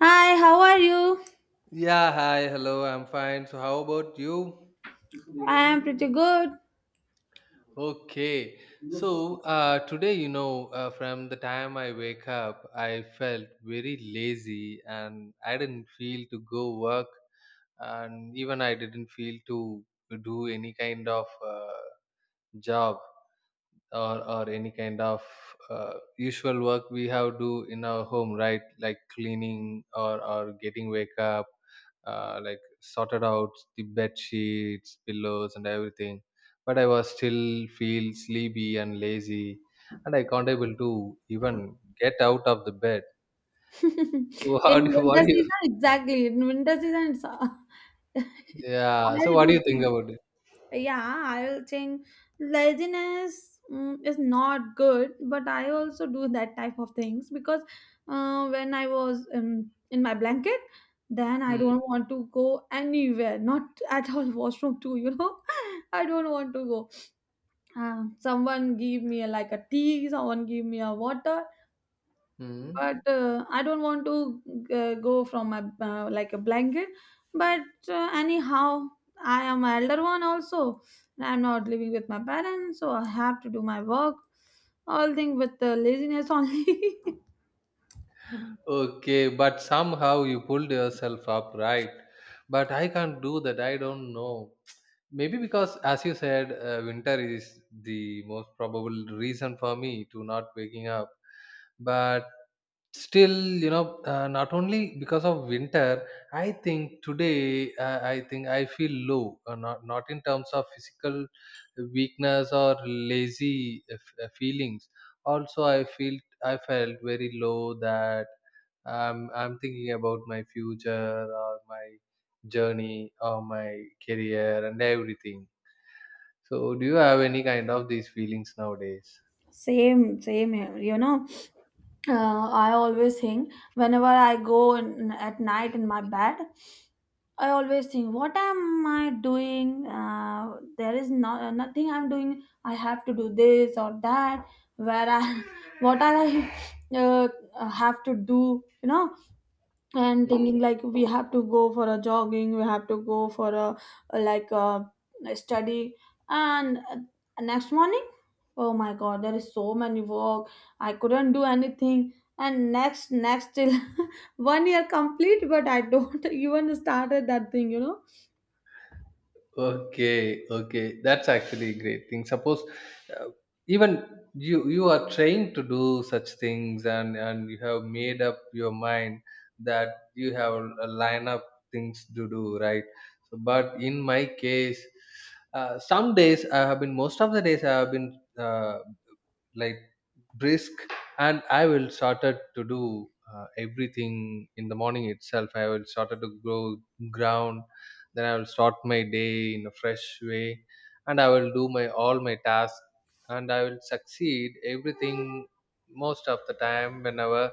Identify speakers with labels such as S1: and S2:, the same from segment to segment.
S1: Hi, how are you?
S2: Yeah, hi, hello, I'm fine. So, how about you?
S1: I am pretty good.
S2: Okay. So, today, from the time I wake up, I felt very lazy and I didn't feel to go work, and even I didn't feel to do any kind of job. Or any kind of usual work we have do in our home, right, like cleaning or getting wake up, like sorted out the bed sheets, pillows and everything, but I was still feel sleepy and lazy, and I can't able to even get out of the bed. So
S1: In
S2: how do you, what
S1: winter
S2: do you,
S1: season, exactly. In winter season, it's.
S2: yeah, so
S1: I
S2: what do
S1: do
S2: you think
S1: too.
S2: about it?
S1: Yeah, I will think laziness is not good, but I also do that type of things because when I was in my blanket, then I don't want to go anywhere, not at all washroom too. I don't want to go. Someone give me a, like a tea, someone give me a water,
S2: Mm-hmm.
S1: but I don't want to go from a like a blanket. But anyhow, I am an elder one also. I'm not living with my parents, so I have to do my work. All thing with the laziness only.
S2: Okay, but somehow you pulled yourself up, right? But I can't do that. I don't know. Maybe because, as you said, winter is the most probable reason for me to not waking up. But still, not only because of winter, I think I feel low, not in terms of physical weakness or lazy feelings. Also I felt very low that, I'm thinking about my future or my journey or my career and everything. So do you have any kind of these feelings nowadays?
S1: Same, same here. You know, I always think whenever I go in, at night in my bed, I always think, what am I doing? There is no, nothing I'm doing. I have to do this or that. Where I, what I uh, have to do? You know, and thinking like we have to go for a jogging, we have to go for a like a study and next morning, oh my god, there is so many work, I couldn't do anything, and next next till 1 year complete, but I don't even started that thing, you know.
S2: Okay, okay, that's actually a great thing. Suppose uh, even you are trained to do such things, and you have made up your mind that you have a line up things to do, right? So, but in my case, some days I have been most of the days I have been like brisk, and I will started to do everything in the morning itself. I will started to grow ground, then I will start my day in a fresh way, and I will do my all my tasks, and I will succeed everything most of the time. Whenever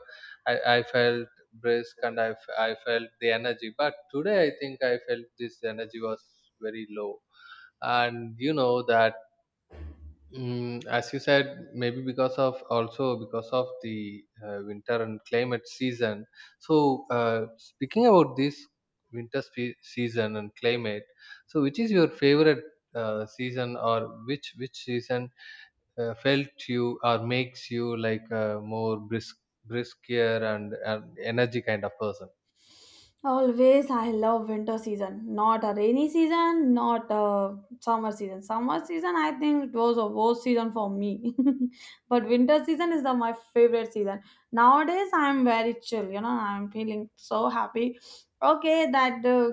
S2: I felt brisk and I felt the energy, but today I think I felt this energy was very low, and you know that. Mm, as you said, maybe because of, also because of the winter and climate season. So, speaking about this season and climate, so which is your favorite season, or which season felt you or makes you like a more brisk, briskier and energy kind of person?
S1: Always, I love winter season, not a rainy season, not a summer season. Summer season, I think it was a worst season for me, but winter season is the my favorite season. Nowadays, I'm very chill. You know, I'm feeling so happy. Okay, that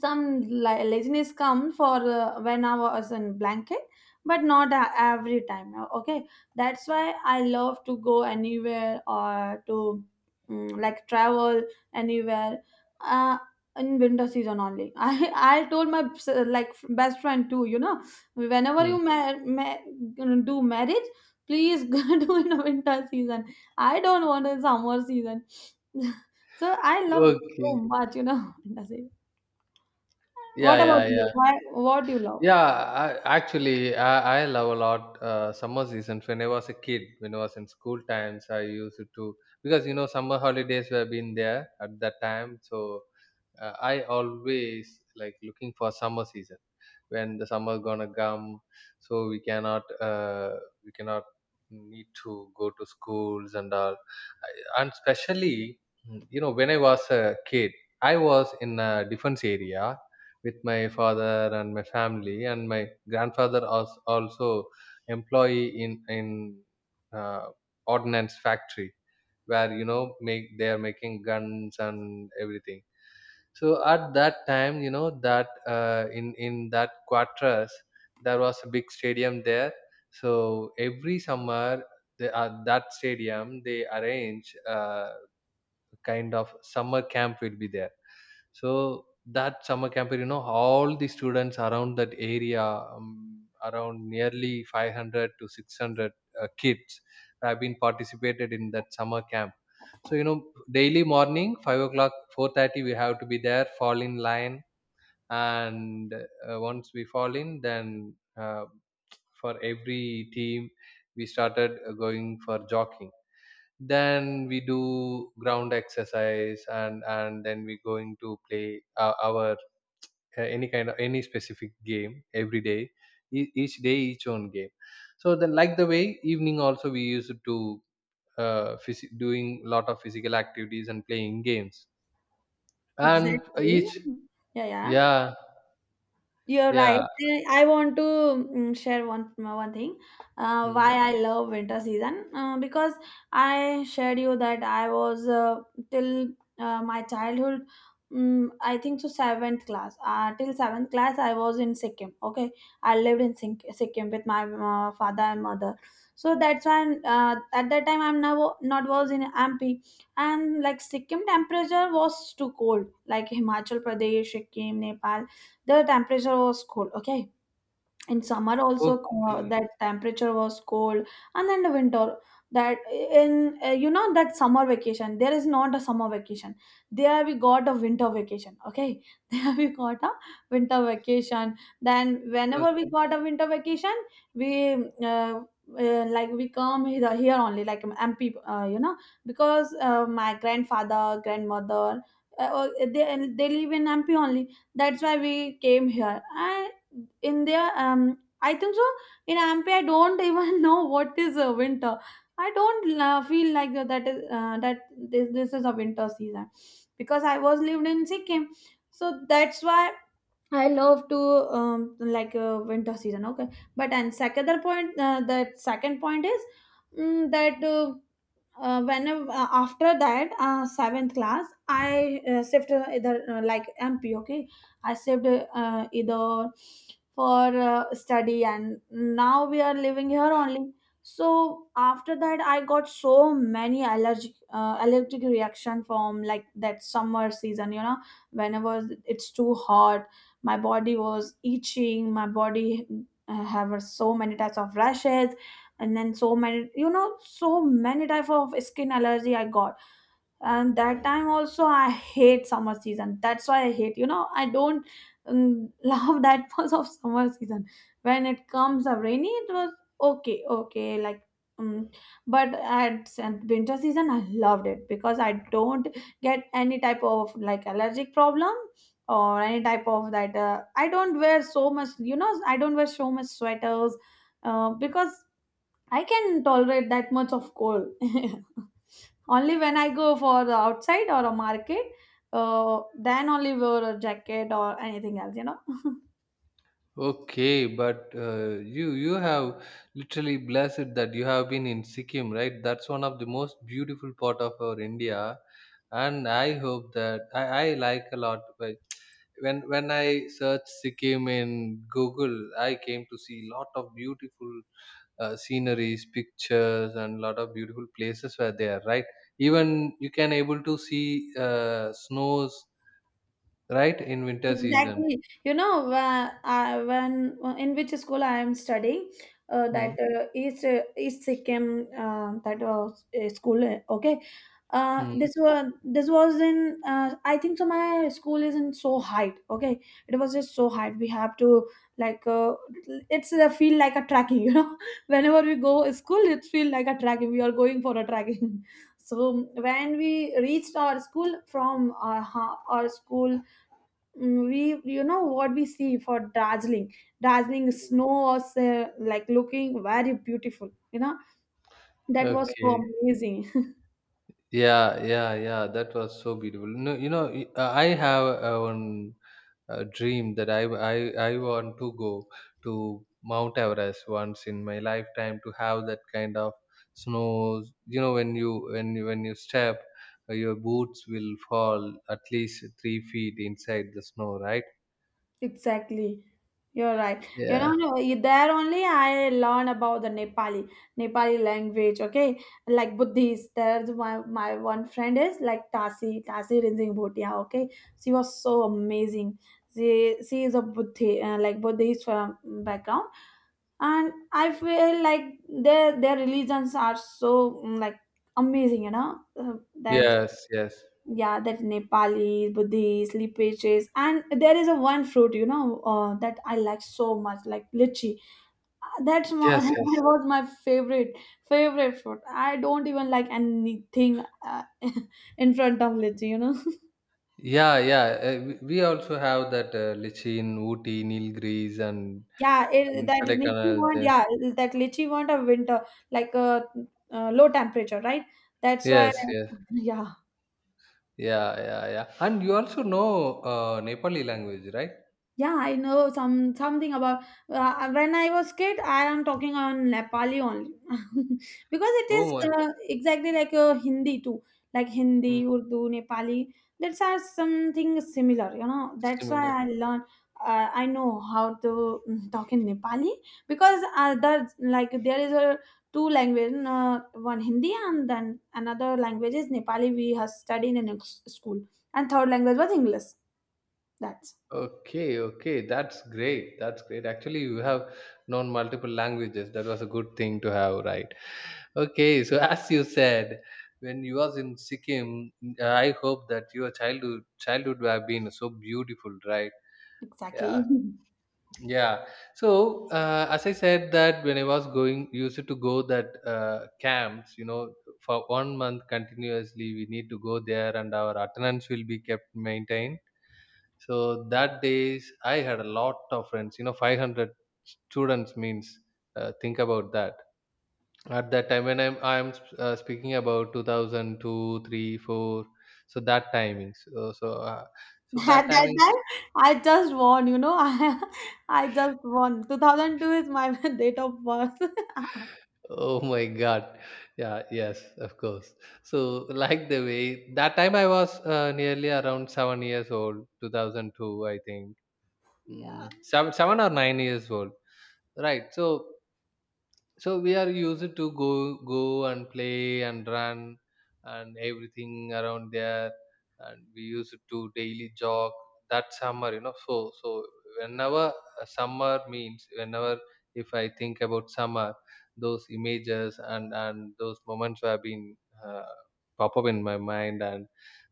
S1: some laziness comes for when I was in blanket, but not every time. Okay, that's why I love to go anywhere or to like travel anywhere uh in winter season only. I told my like best friend too, you know, whenever you
S2: Hmm.
S1: do marriage, please do in winter season. I don't want a summer season. So I love so
S2: Okay.
S1: much, you know, winter season. What
S2: Yeah,
S1: about
S2: yeah,
S1: you?
S2: yeah.
S1: Why, what do you love?
S2: Yeah, actually, I love a lot summer seasons. When I was a kid, when I was in school times, I used to, because you know summer holidays were been there at that time. So I always like looking for summer season, when the summer gonna come, so we cannot we cannot need to go to schools and all. And especially, you know, when I was a kid, I was in a defense area with my father and my family, and my grandfather was also employee in uh, ordnance factory, where, you know, make they are making guns and everything. So at that time, you know that, in that quarters, there was a big stadium there. So every summer, they, at that stadium, they arrange kind of summer camp will be there. So that summer camp, you know, all the students around that area, around nearly 500 to 600 kids have been participated in that summer camp. So, you know, daily morning, 5 o'clock, 4:30, we have to be there, fall in line. And once we fall in, then for every team, we started going for jogging. Then we do ground exercise, and then we going to play our any kind of any specific game every day, each day each own game. So then, like the way, evening also we used to doing lot of physical activities and playing games, and
S1: Exactly,
S2: each,
S1: yeah, yeah.
S2: yeah
S1: You're right.
S2: yeah,
S1: Eh, I want to share one one thing why
S2: mm,
S1: I love winter season because I shared you that I was till my childhood, I think so seventh class, till seventh class I was in Sikkim. Okay, I lived in Sikkim with my father and mother. So that's why at that time I'm now not was in MP, and like Sikkim temperature was too cold like Himachal Pradesh, Sikkim, Nepal, the temperature was cold. Okay, in summer also
S2: okay
S1: that temperature was cold, and then the winter, that in you know that summer vacation, there is not a summer vacation. There we got a winter vacation. Okay, there we got a winter vacation. Then whenever we
S2: okay.
S1: got a winter vacation we uh, like we come here, here only, like MP, you know, because my grandfather grandmother, uh, they live in MP only. That's why we came here. And in their, I think so, in ampe I don't even know what is a winter. I don't feel like that is that this is a winter season, because I was lived in Sikkim. So that's why I love to like winter season. Okay, but and second other point, the second point is, that when after that seventh class, I shift either like MP. Okay, I shift either for study, and now we are living here only. So after that, I got so many allergic reaction from like that summer season. You know, whenever it's too hot, my body was itching, my body have so many types of rashes, and then so many, you know, so many type of skin allergy I got. And that time also I hate summer season, that's why I hate, you know, I don't love that much of summer season. When it comes a rainy, it was okay, okay, like um, but at and winter season I loved it, because I don't get any type of like allergic problem or any type of that. I don't wear so much, you know, I don't wear so much sweaters because I can tolerate that much of cold. Only when I go for the outside or a market, then only wear a jacket or anything else, you know.
S2: Okay, but you have literally blessed that you have been in Sikkim, right? That's one of the most beautiful part of our India, and I hope that I like a lot. But when I searched Sikkim in Google, I came to see lot of beautiful sceneries, pictures, and lot of beautiful places were there, right? Even you can able to see snows, right, in winter season.
S1: Exactly. You know, when in which school I am studying, that
S2: Hmm.
S1: East Sikkim, that was a school. Okay,
S2: Hmm.
S1: this was in I think so. My school is in so height. Okay, it was just so height. We have to like it's a feel like a tracking. You know, whenever we go school, it feel like a tracking. We are going for a tracking. So when we reached our school from our, our school, Mm, we, you know what we see? For dazzling snow was like looking very beautiful, you know, that was so
S2: Okay.
S1: amazing.
S2: Yeah, yeah, yeah. That was so beautiful. No, you know, I have one dream that I want to go to Mount Everest once in my lifetime to have that kind of snow. You know, when you, when you step, your boots will fall at least 3 feet inside the snow, right?
S1: Exactly, you're right, you know.
S2: Yeah.
S1: No, you- there only I learn about the nepali language. Okay, like Buddhist, there's my one friend is like Tasi Rinzing Bhutia. Okay, she was so amazing. she she is a Buddhist, like Buddhist from background. And I feel like their religions are so, like amazing, you know. That,
S2: Yes. Yes.
S1: yeah, that Nepali Buddhist lipaches. And there is a one fruit, you know, that I like so much, like lychee. That's
S2: Yes.
S1: that
S2: Yes.
S1: was my favorite fruit. I don't even like anything in front of lychee, you know.
S2: Yeah, yeah. We also have that Lichin, Ooty, Nilgiris,
S1: Yeah, it,
S2: and
S1: that lychee want,
S2: Kodaikanal.
S1: yeah, that lychee want a winter, like a low temperature, right? That's why.
S2: Yes, yes.
S1: Yeah.
S2: Yeah, yeah, yeah. And you also know Nepali language, right?
S1: Yeah, I know some something about when I was kid. I am talking on Nepali only. Because it is
S2: Oh, my.
S1: exactly like Hindi too, like
S2: Mm.
S1: Hindi, Urdu, Nepali. That's are something similar, you know. That's why
S2: Similar.
S1: I learn. I know how to talk in Nepali, because there, like there is a two language, one Hindi and then another language is Nepali. We have studied in a school, and third language was English. That's
S2: Okay, okay. That's great. That's great. Actually, you have known multiple languages. That was a good thing to have, right? Okay. So, as you said, when you was in Sikkim, I hope that your childhood would have been so beautiful, right?
S1: exactly.
S2: Yeah. Yeah. So as I said, that when I was going, used to go that camps, you know, for 1 month continuously. We need to go there, and our attendance will be kept maintained. So that days, I had a lot of friends, you know, 500 students means. Think about that. At that time, when I'm speaking about 2002, three, four. So that timings. So
S1: At
S2: that
S1: that
S2: timings.
S1: time, I just won, you know. I just won. 2002 is my date of birth.
S2: Oh my God. Yeah, yes, of course. So, like the way, that time I was nearly around 7 years old, 2002, I think.
S1: Yeah.
S2: Mm, 7 or 9 years old. Right. So, so we are used to go and play and run and everything around there, and we used to daily jog that summer, you know. So so, whenever a summer means, whenever, if I think about summer, those images and those moments have been uh, pop up in my mind, and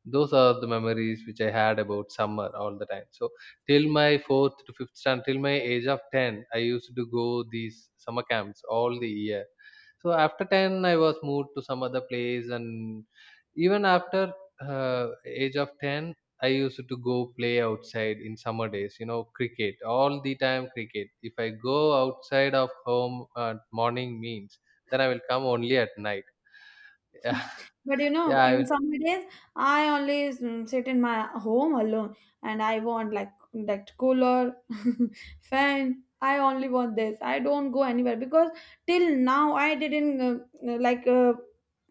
S2: those are the memories which I had about summer all the time. So till my fourth to fifth standard, till my age of 10, I used to go these summer camps all the year. So after 10, I was moved to some other place, and even after age of 10, I used to go play outside in summer days, you know, cricket, all the time cricket. If I go outside of home at morning means, then I will come only at night. Yeah,
S1: But you know,
S2: yeah,
S1: in summer days, I only sit in my home alone, and I want like that cooler, fan. I only want this. I don't go anywhere, because till now I didn't like uh,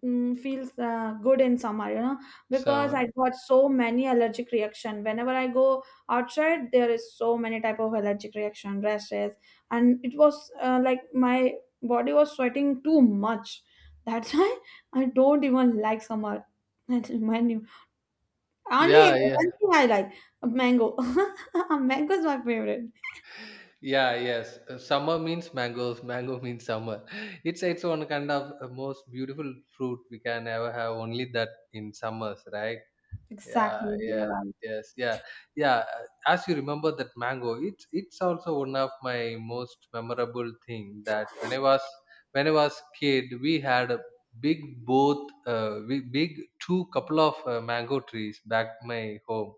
S1: mm, feels good in summer, you know, because I
S2: so
S1: got so many allergic reaction. Whenever I go outside, there is so many type of allergic reaction, rashes, and it was like my body was sweating too much. That's why I don't even like summer. That remind you. Only
S2: yeah,
S1: one
S2: yeah.
S1: thing I like, a mango. A mango is my favorite.
S2: Yeah, yes. Summer means mangoes. Mango means summer. It's its own kind of most beautiful fruit we can ever have. Only that in summers, right? Yeah,
S1: Exactly.
S2: yeah,
S1: Yeah.
S2: yes, yeah, yeah. As you remember that mango, it's also one of my most memorable thing. That when I was, when I was kid, we had a big big two couple of mango trees back my home.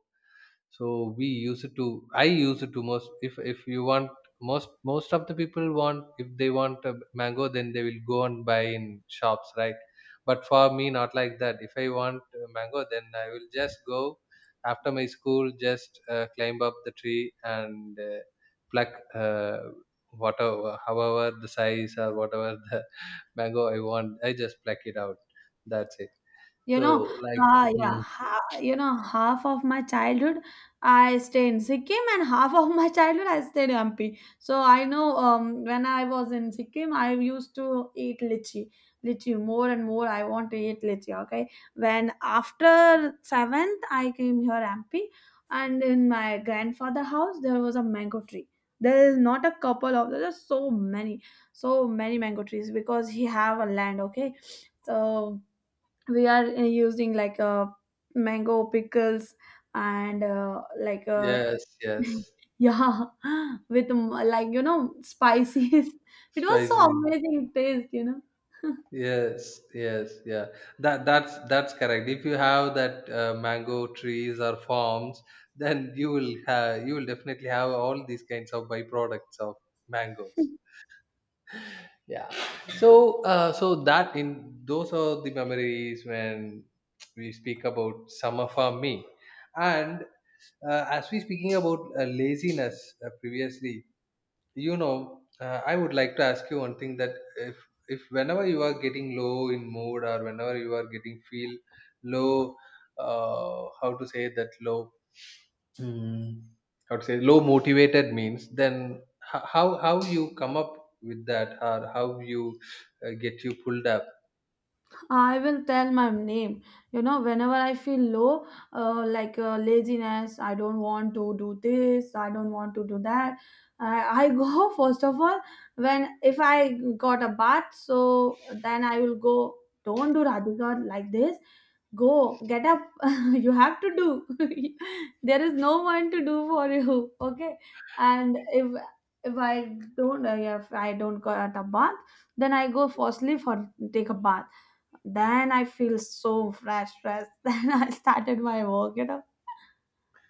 S2: So we used to, most, if you want, most of the people want, if they want a mango, then they will go and buy in shops, right? But for me, not like that. If I want a mango, then I will just go after my school, just climb up the tree and pluck uh, whatever, however the size or whatever the mango I want, I just pluck it out. That's it.
S1: You
S2: So
S1: know,
S2: like,
S1: yeah,
S2: hmm,
S1: ha, you know, half of my childhood I stay in Sikkim, and half of my childhood I stayed in Hampi. So I know, when I was in Sikkim, I used to eat lychee more and more. I want to eat lychee. Okay, when after seventh I came here Hampi, and in my grandfather house there was a mango tree. There is not a couple of, there are so many, so many mango trees, because he have a land. Okay, so we are using like mango pickles and like
S2: yes yes,
S1: yeah, with like you know spices. It was so
S2: spicy.
S1: amazing taste, you know.
S2: Yes, yes, yeah. That that's correct. If you have that mango trees or farms, then you will definitely have all these kinds of byproducts of mangoes. Yeah. So so that in, those are the memories when we speak about summer farm me, and as we speaking about laziness previously, I would like to ask you one thing, that if whenever you are getting low in mood, or whenever you are getting feel low, how to say, that low, mm, how to say low motivated means, then, how you come up with that, or how you get you pulled up?
S1: I will tell my name. You know, whenever I feel low, like laziness, I don't want to do this, I don't want to do that. I go first of all, when if I got a bath, so then I will go. Don't do Radhika like this. Go, get up. You have to do. There is no one to do for you. Okay. And if if I don't get a bath, then I go firstly for take a bath. Then I feel so fresh. Then I started my work, you know.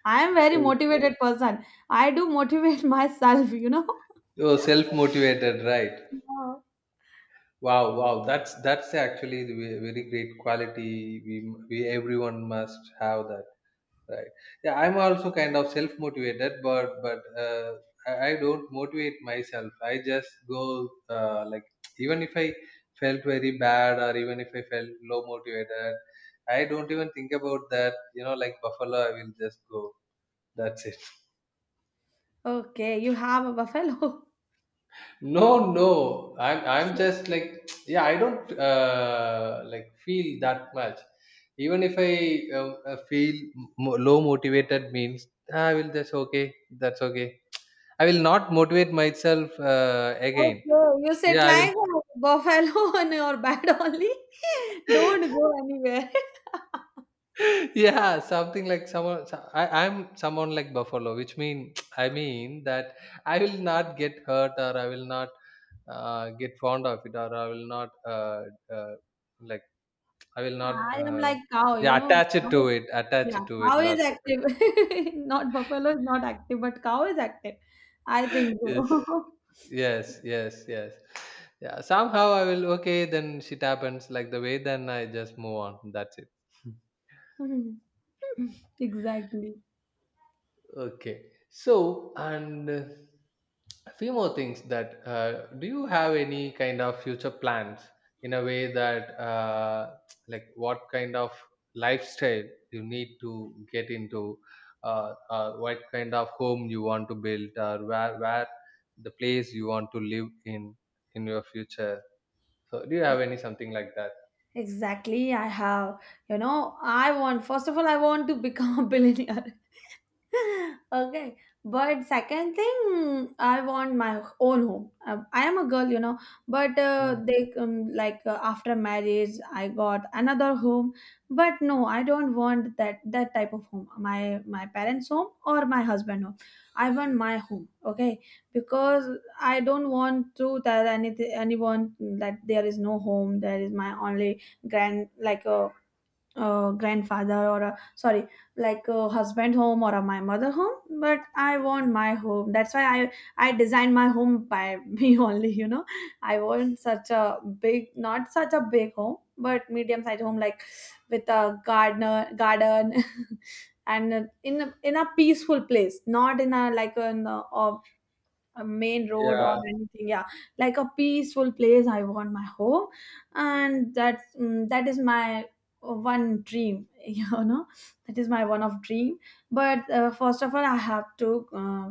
S1: I am very
S2: Oh,
S1: motivated person. I do motivate myself, you know.
S2: oh, self motivated, right?
S1: Wow.
S2: Wow, wow, that's actually the very great quality we everyone must have that. Right. Yeah, I'm also kind of self-motivated, but I don't motivate myself. I just go like even if I felt very bad, or even if I felt low motivated, I don't even think about that. You know, like Buffalo, I will just go. That's it.
S1: Okay, you have a buffalo.
S2: No, no. I'm
S1: So
S2: just like, yeah. I don't like feel that much. Even if I feel low motivated, means "Ah, I will just okay. That's okay. I will not motivate myself again.
S1: okay, you sit
S2: Yeah, I will.
S1: like a buffalo on your bed only. Don't go anywhere.
S2: Yeah, something like someone. I'm someone like Buffalo, which mean I mean that I will not get hurt or I will not get fond of it or I will not uh, like I will not.
S1: I am like cow, you
S2: Yeah,
S1: know.
S2: attach it to
S1: Cow is-
S2: it. Attach
S1: yeah,
S2: it to it.
S1: cow
S2: Lot.
S1: is
S2: Better.
S1: active. Not buffalo is not active, but cow is active. I think
S2: Yes.
S1: so.
S2: Yes. Yes. Yes. Yeah. Somehow I will. Okay. Then shit happens like the way. Then I just move on. That's it.
S1: Exactly.
S2: Okay. So, and a few more things that do you have any kind of future plans in a way that, like, what kind of lifestyle you need to get into, what kind of home you want to build, or where the place you want to live in your future? So, do you have any something like that?
S1: Exactly. I have, you know, I want, first of all, I want to become a billionaire. Okay. But second thing, I want my own home. I am a girl, but
S2: Mm.
S1: they like after marriage, I got another home. But no, I don't want that type of home. My parents' home or my husband home. I want my home. Okay, because I don't want to tell anything anyone that there is no home. There is my only grand, like a grandfather, or, a sorry, like a husband home or a my mother home, but I want my home. That's why I designed my home by me only I want such a big, not such a big home, but medium sized home, like with a gardener garden and in a peaceful place, not in a, like, an, a main road or
S2: Yeah,
S1: anything, yeah. Like a peaceful place, I want my home, and that is my one dream that is my one of dream, but first of all, I have to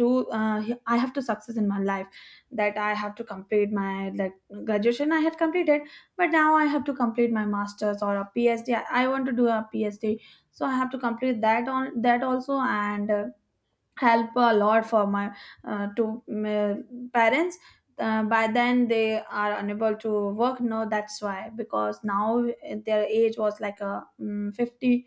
S1: do, I have to success in my life. That I have to complete my, like, graduation I had completed, but now I have to complete my masters or a phd. I want to do a phd, so I have to complete that on that also. And help a lot for my, to, parents, by then they are unable to work, no, that's why, because now their age was, like, a 50,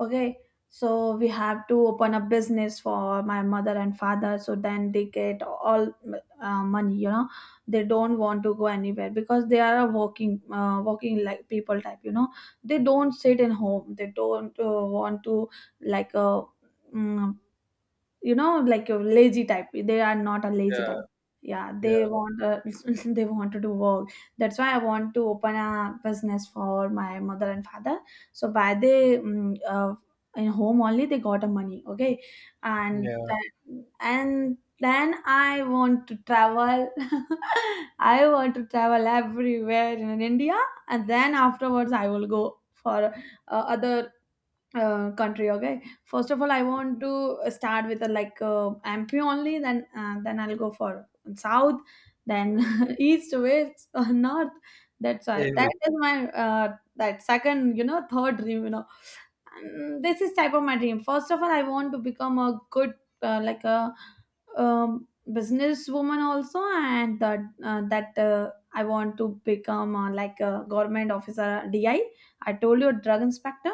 S1: okay. So we have to open a business for my mother and father, so then they get all money they don't want to go anywhere because they are a working, like, people type they don't sit in home. They don't want to, like, mm, like a lazy type. They are not a lazy
S2: yeah,
S1: type, yeah, they
S2: yeah,
S1: want they want to do work. That's why I want to open a business for my mother and father, so by they in home only they got a money, okay. And
S2: yeah.
S1: then, and then I want to travel I want to travel everywhere in India, and then afterwards I will go for other country. Okay, first of all, I want to start with a, like, MP only. Then then I'll go for south, then east, west, north. That's why that
S2: Every.
S1: is my, that second, third dream and this is type of my dream. First of all, I want to become a good, like, a, um, businesswoman also. And that that I want to become, like, a government officer, di I told you, drug inspector.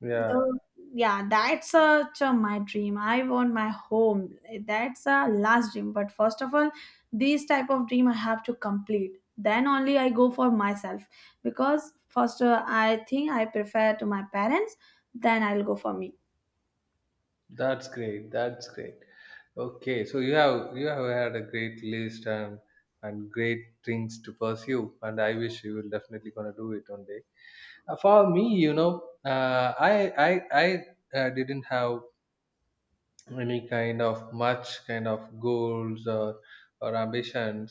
S2: Yeah,
S1: Though, yeah, that's such a, my dream. I want my home. That's a last dream, but first of all, these type of dream I have to complete. Then only I go for myself, because first, I think I prefer to my parents. Then I'll go for me.
S2: that's great. That's great. Okay, so you have had a great list and great things to pursue, and I wish you will definitely gonna do it one day. For me, you know, I didn't have any kind of much kind of goals or ambitions,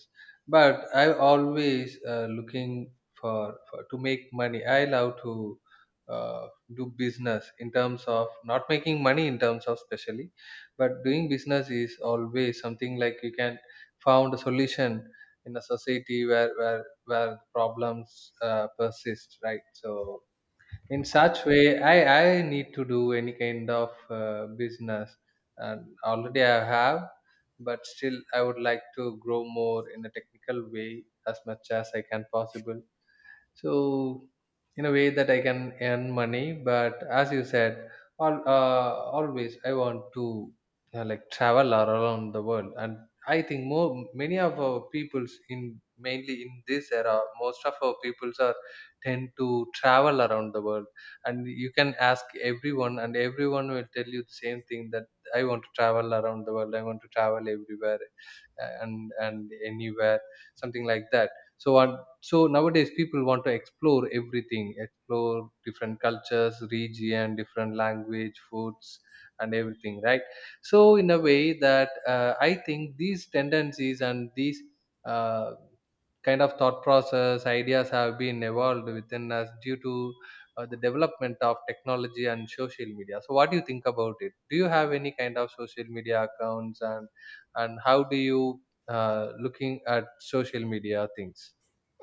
S2: but I always looking for to make money. I love to uh, do business, in terms of not making money in terms of specially, but doing business is always something like you can found a solution in a society where where problems persist, right? So in such way, I need to do any kind of business, and already I have, but still I would like to grow more in a technical way as much as I can possible. So in a way that I can earn money, but as you said, all always I want to, you know, like travel all around the world. And I think more, many of our peoples in, mainly in this era, most of our peoples are tend to travel around the world, and you can ask everyone, and everyone will tell you the same thing, that I want to travel around the world, I want to travel everywhere, and anywhere, something like that. So, and so nowadays people want to explore everything, explore different cultures, region, different language, foods, and everything, right? So in a way that I think these tendencies and these uh, kind of thought process ideas have been evolved within us due to the development of technology and social media. So what do you think about it? Do you have any kind of social media accounts, and how do you looking at social media things?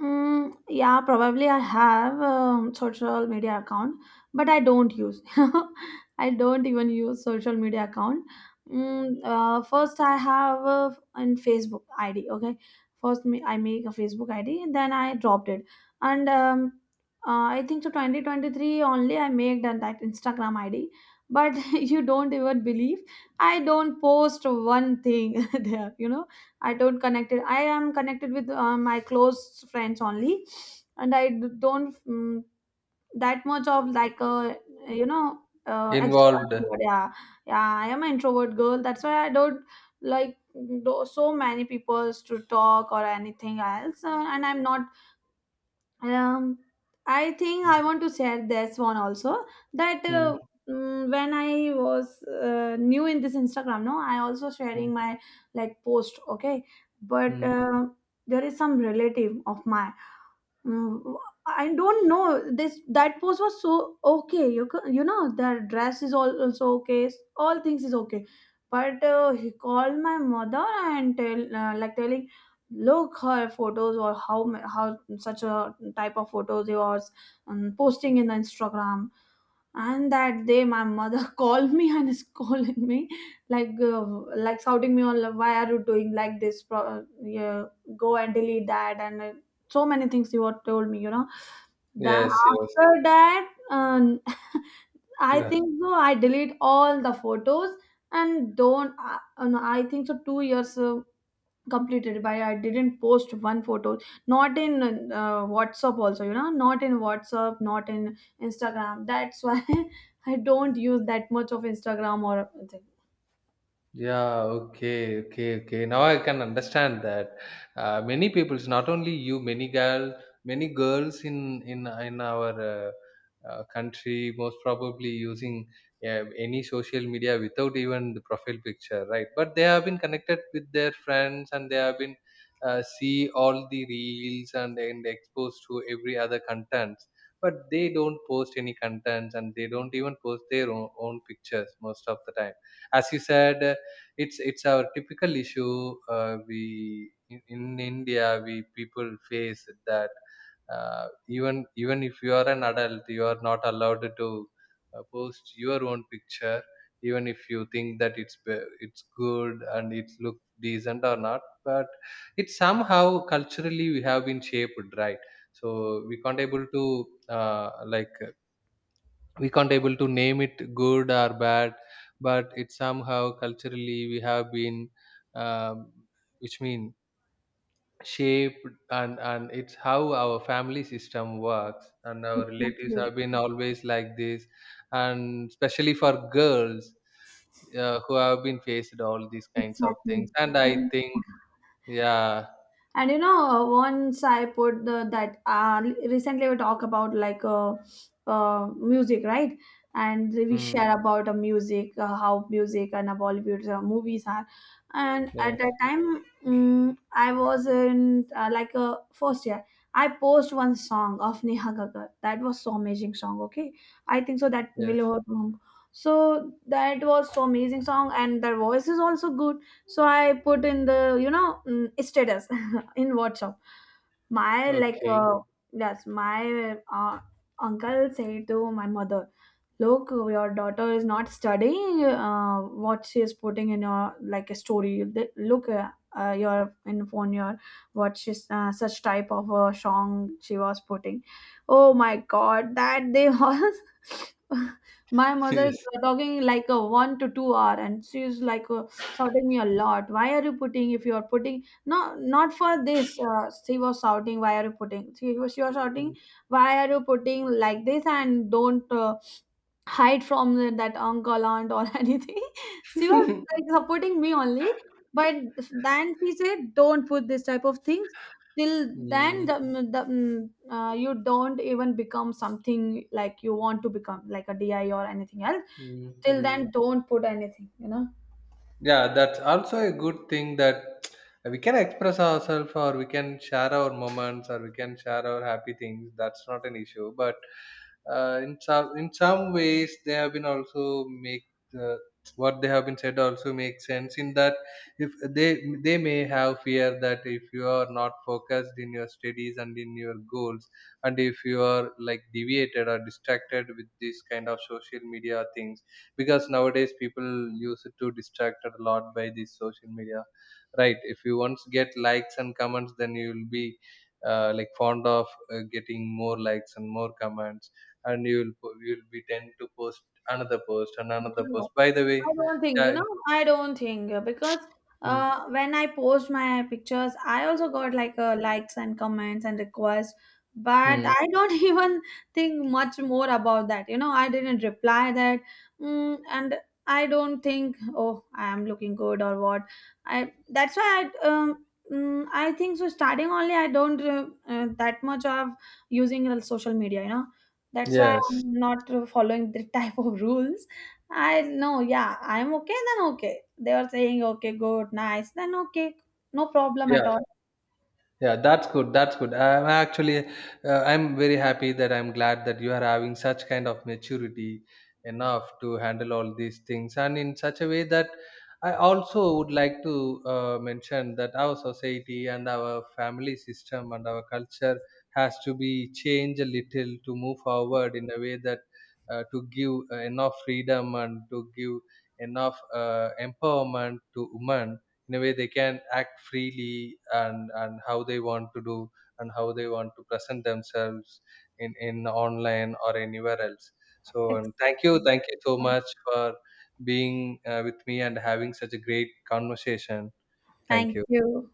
S1: Yeah, probably I have a social media account, but I don't use. I don't even use social media account. First, I have a, an Facebook ID. Okay, first me, I make a Facebook ID, then I dropped it. And I think to 2023 only I made that Instagram ID. But you don't even believe I don't post one thing there. I don't connect it. I am connected with my close friends only, and I don't, that much of, like, a, you know
S2: Involved.
S1: extrovert, yeah. Yeah, I am an introvert girl. That's why I don't, like, do so many people to talk or anything else, and I'm not um, I think I want to share this one also that
S2: Mm,
S1: when I was new in this Instagram. No, I also
S2: mm,
S1: sharing my, like, post, okay, but
S2: mm.
S1: there is some relative of mine. Mm, I don't know. This that pose was so okay. You you know the dress is all also okay. All things is okay, but he called my mother and tell, like telling, look her photos, or how such a type of photos he was, posting in the Instagram. And that day, my mother called me and scolded me, like uh, like shouting me on, "Why are you doing like this? Yeah, go and delete that." And so many things you had told me. Then
S2: Yes, yes.
S1: after that, I
S2: Yeah.
S1: think so. I delete all the photos and don't. I, no, I think so. 2 years completed by I didn't post one photo, not in WhatsApp also, you know not in WhatsApp, not in Instagram. That's why I don't use that much of Instagram or anything.
S2: Yeah, okay, okay, okay. Now I can understand that. Many peoples, not only you, many girls in in our country, most probably using any social media without even the profile picture, right? But they have been connected with their friends, and they have been see all the reels, and exposed to every other contents. But they don't post any contents, and they don't even post their own, own pictures most of the time. As you said, it's our typical issue. We in India, we people face that, uh, even even if you are an adult, you are not allowed to post your own picture, even if you think that it's good and it looks decent or not. But it's somehow culturally we have been shaped, right? So we can't able to, uh, like, we can't able to name it good or bad. But it somehow culturally we have been, um, which mean, shaped, and it's how our family system works, and our relatives
S1: Exactly.
S2: have been always like this, and especially for girls, who have been faced all these kinds of things.
S1: Exactly.
S2: And I think, yeah.
S1: And, once I put that, recently we talk about, like, music, right? And we
S2: Mm,
S1: share about a music, how music, and Bollywood movies are. And at
S2: yes,
S1: that time, I was in, like, a first year. I post one song of Neha Gagar. That was so amazing song. Okay, I think so that
S2: yes,
S1: Milo. So that was so amazing song, and their voice is also good, so I put in the status in WhatsApp. My, like,
S2: okay.
S1: yes, my uncle said to my mother, "Look, your daughter is not studying. What she is putting in your, like, a story. Look, your in phone, your what she's, such type of a song she was putting. Oh my God, that day was." My mother
S2: Yes.
S1: talking like a 1 to 2 hour, and she's, like, shouting me a lot. Why are you putting? If you are putting, no, not for this. She was shouting, "Why are you putting?" She was shouting, "Why are you putting like this?" And don't hide from the, that uncle, aunt, or anything. She was, like, supporting me only. But then she said, "Don't put this type of things." Till then,
S2: Mm,
S1: the, you don't even become something like you want to become, like a DI or anything else.
S2: mm,
S1: Till then,
S2: mm.
S1: don't put anything.
S2: Yeah, that's also a good thing, that we can express ourselves, or we can share our moments, or we can share our happy things. That's not an issue. But in some, in some ways, they have been also make, uh, what they have been said also make sense, in that if they may have fear that if you are not focused in your studies and in your goals, and if you are like deviated or distracted with this kind of social media things, because nowadays people use it to distract a lot by this social media. Right? If you once get likes and comments, then you will be like fond of getting more likes and more comments, and you will be tend to post another post and another post,
S1: Know.
S2: by the way.
S1: I don't think, you
S2: Yeah.
S1: know, I don't think because
S2: Mm,
S1: when I post my pictures, I also got, like, likes and comments and requests, but
S2: mm,
S1: I don't even think much more about that. I didn't reply that, and I don't think, oh, I am looking good or what. I That's why I. I think so. Starting only, I don't that much of using social media. That's why
S2: yes,
S1: I'm not following the type of rules. I know, yeah, I'm okay, then okay. They were saying, okay, good, nice, then okay, no problem at
S2: yeah.
S1: all.
S2: Yeah, that's good. That's good. I'm actually, I'm very happy that I'm glad that you are having such kind of maturity enough to handle all these things, and in such a way that I also would like to mention that our society and our family system and our culture has to be changed a little to move forward in a way that, to give enough freedom, and to give enough empowerment to women, in a way they can act freely, and how they want to do, and how they want to present themselves in online or anywhere else. So, and thank you,
S1: Exactly.
S2: thank you so much for being with me and having such a great conversation. Thank
S1: Thank
S2: you.
S1: you.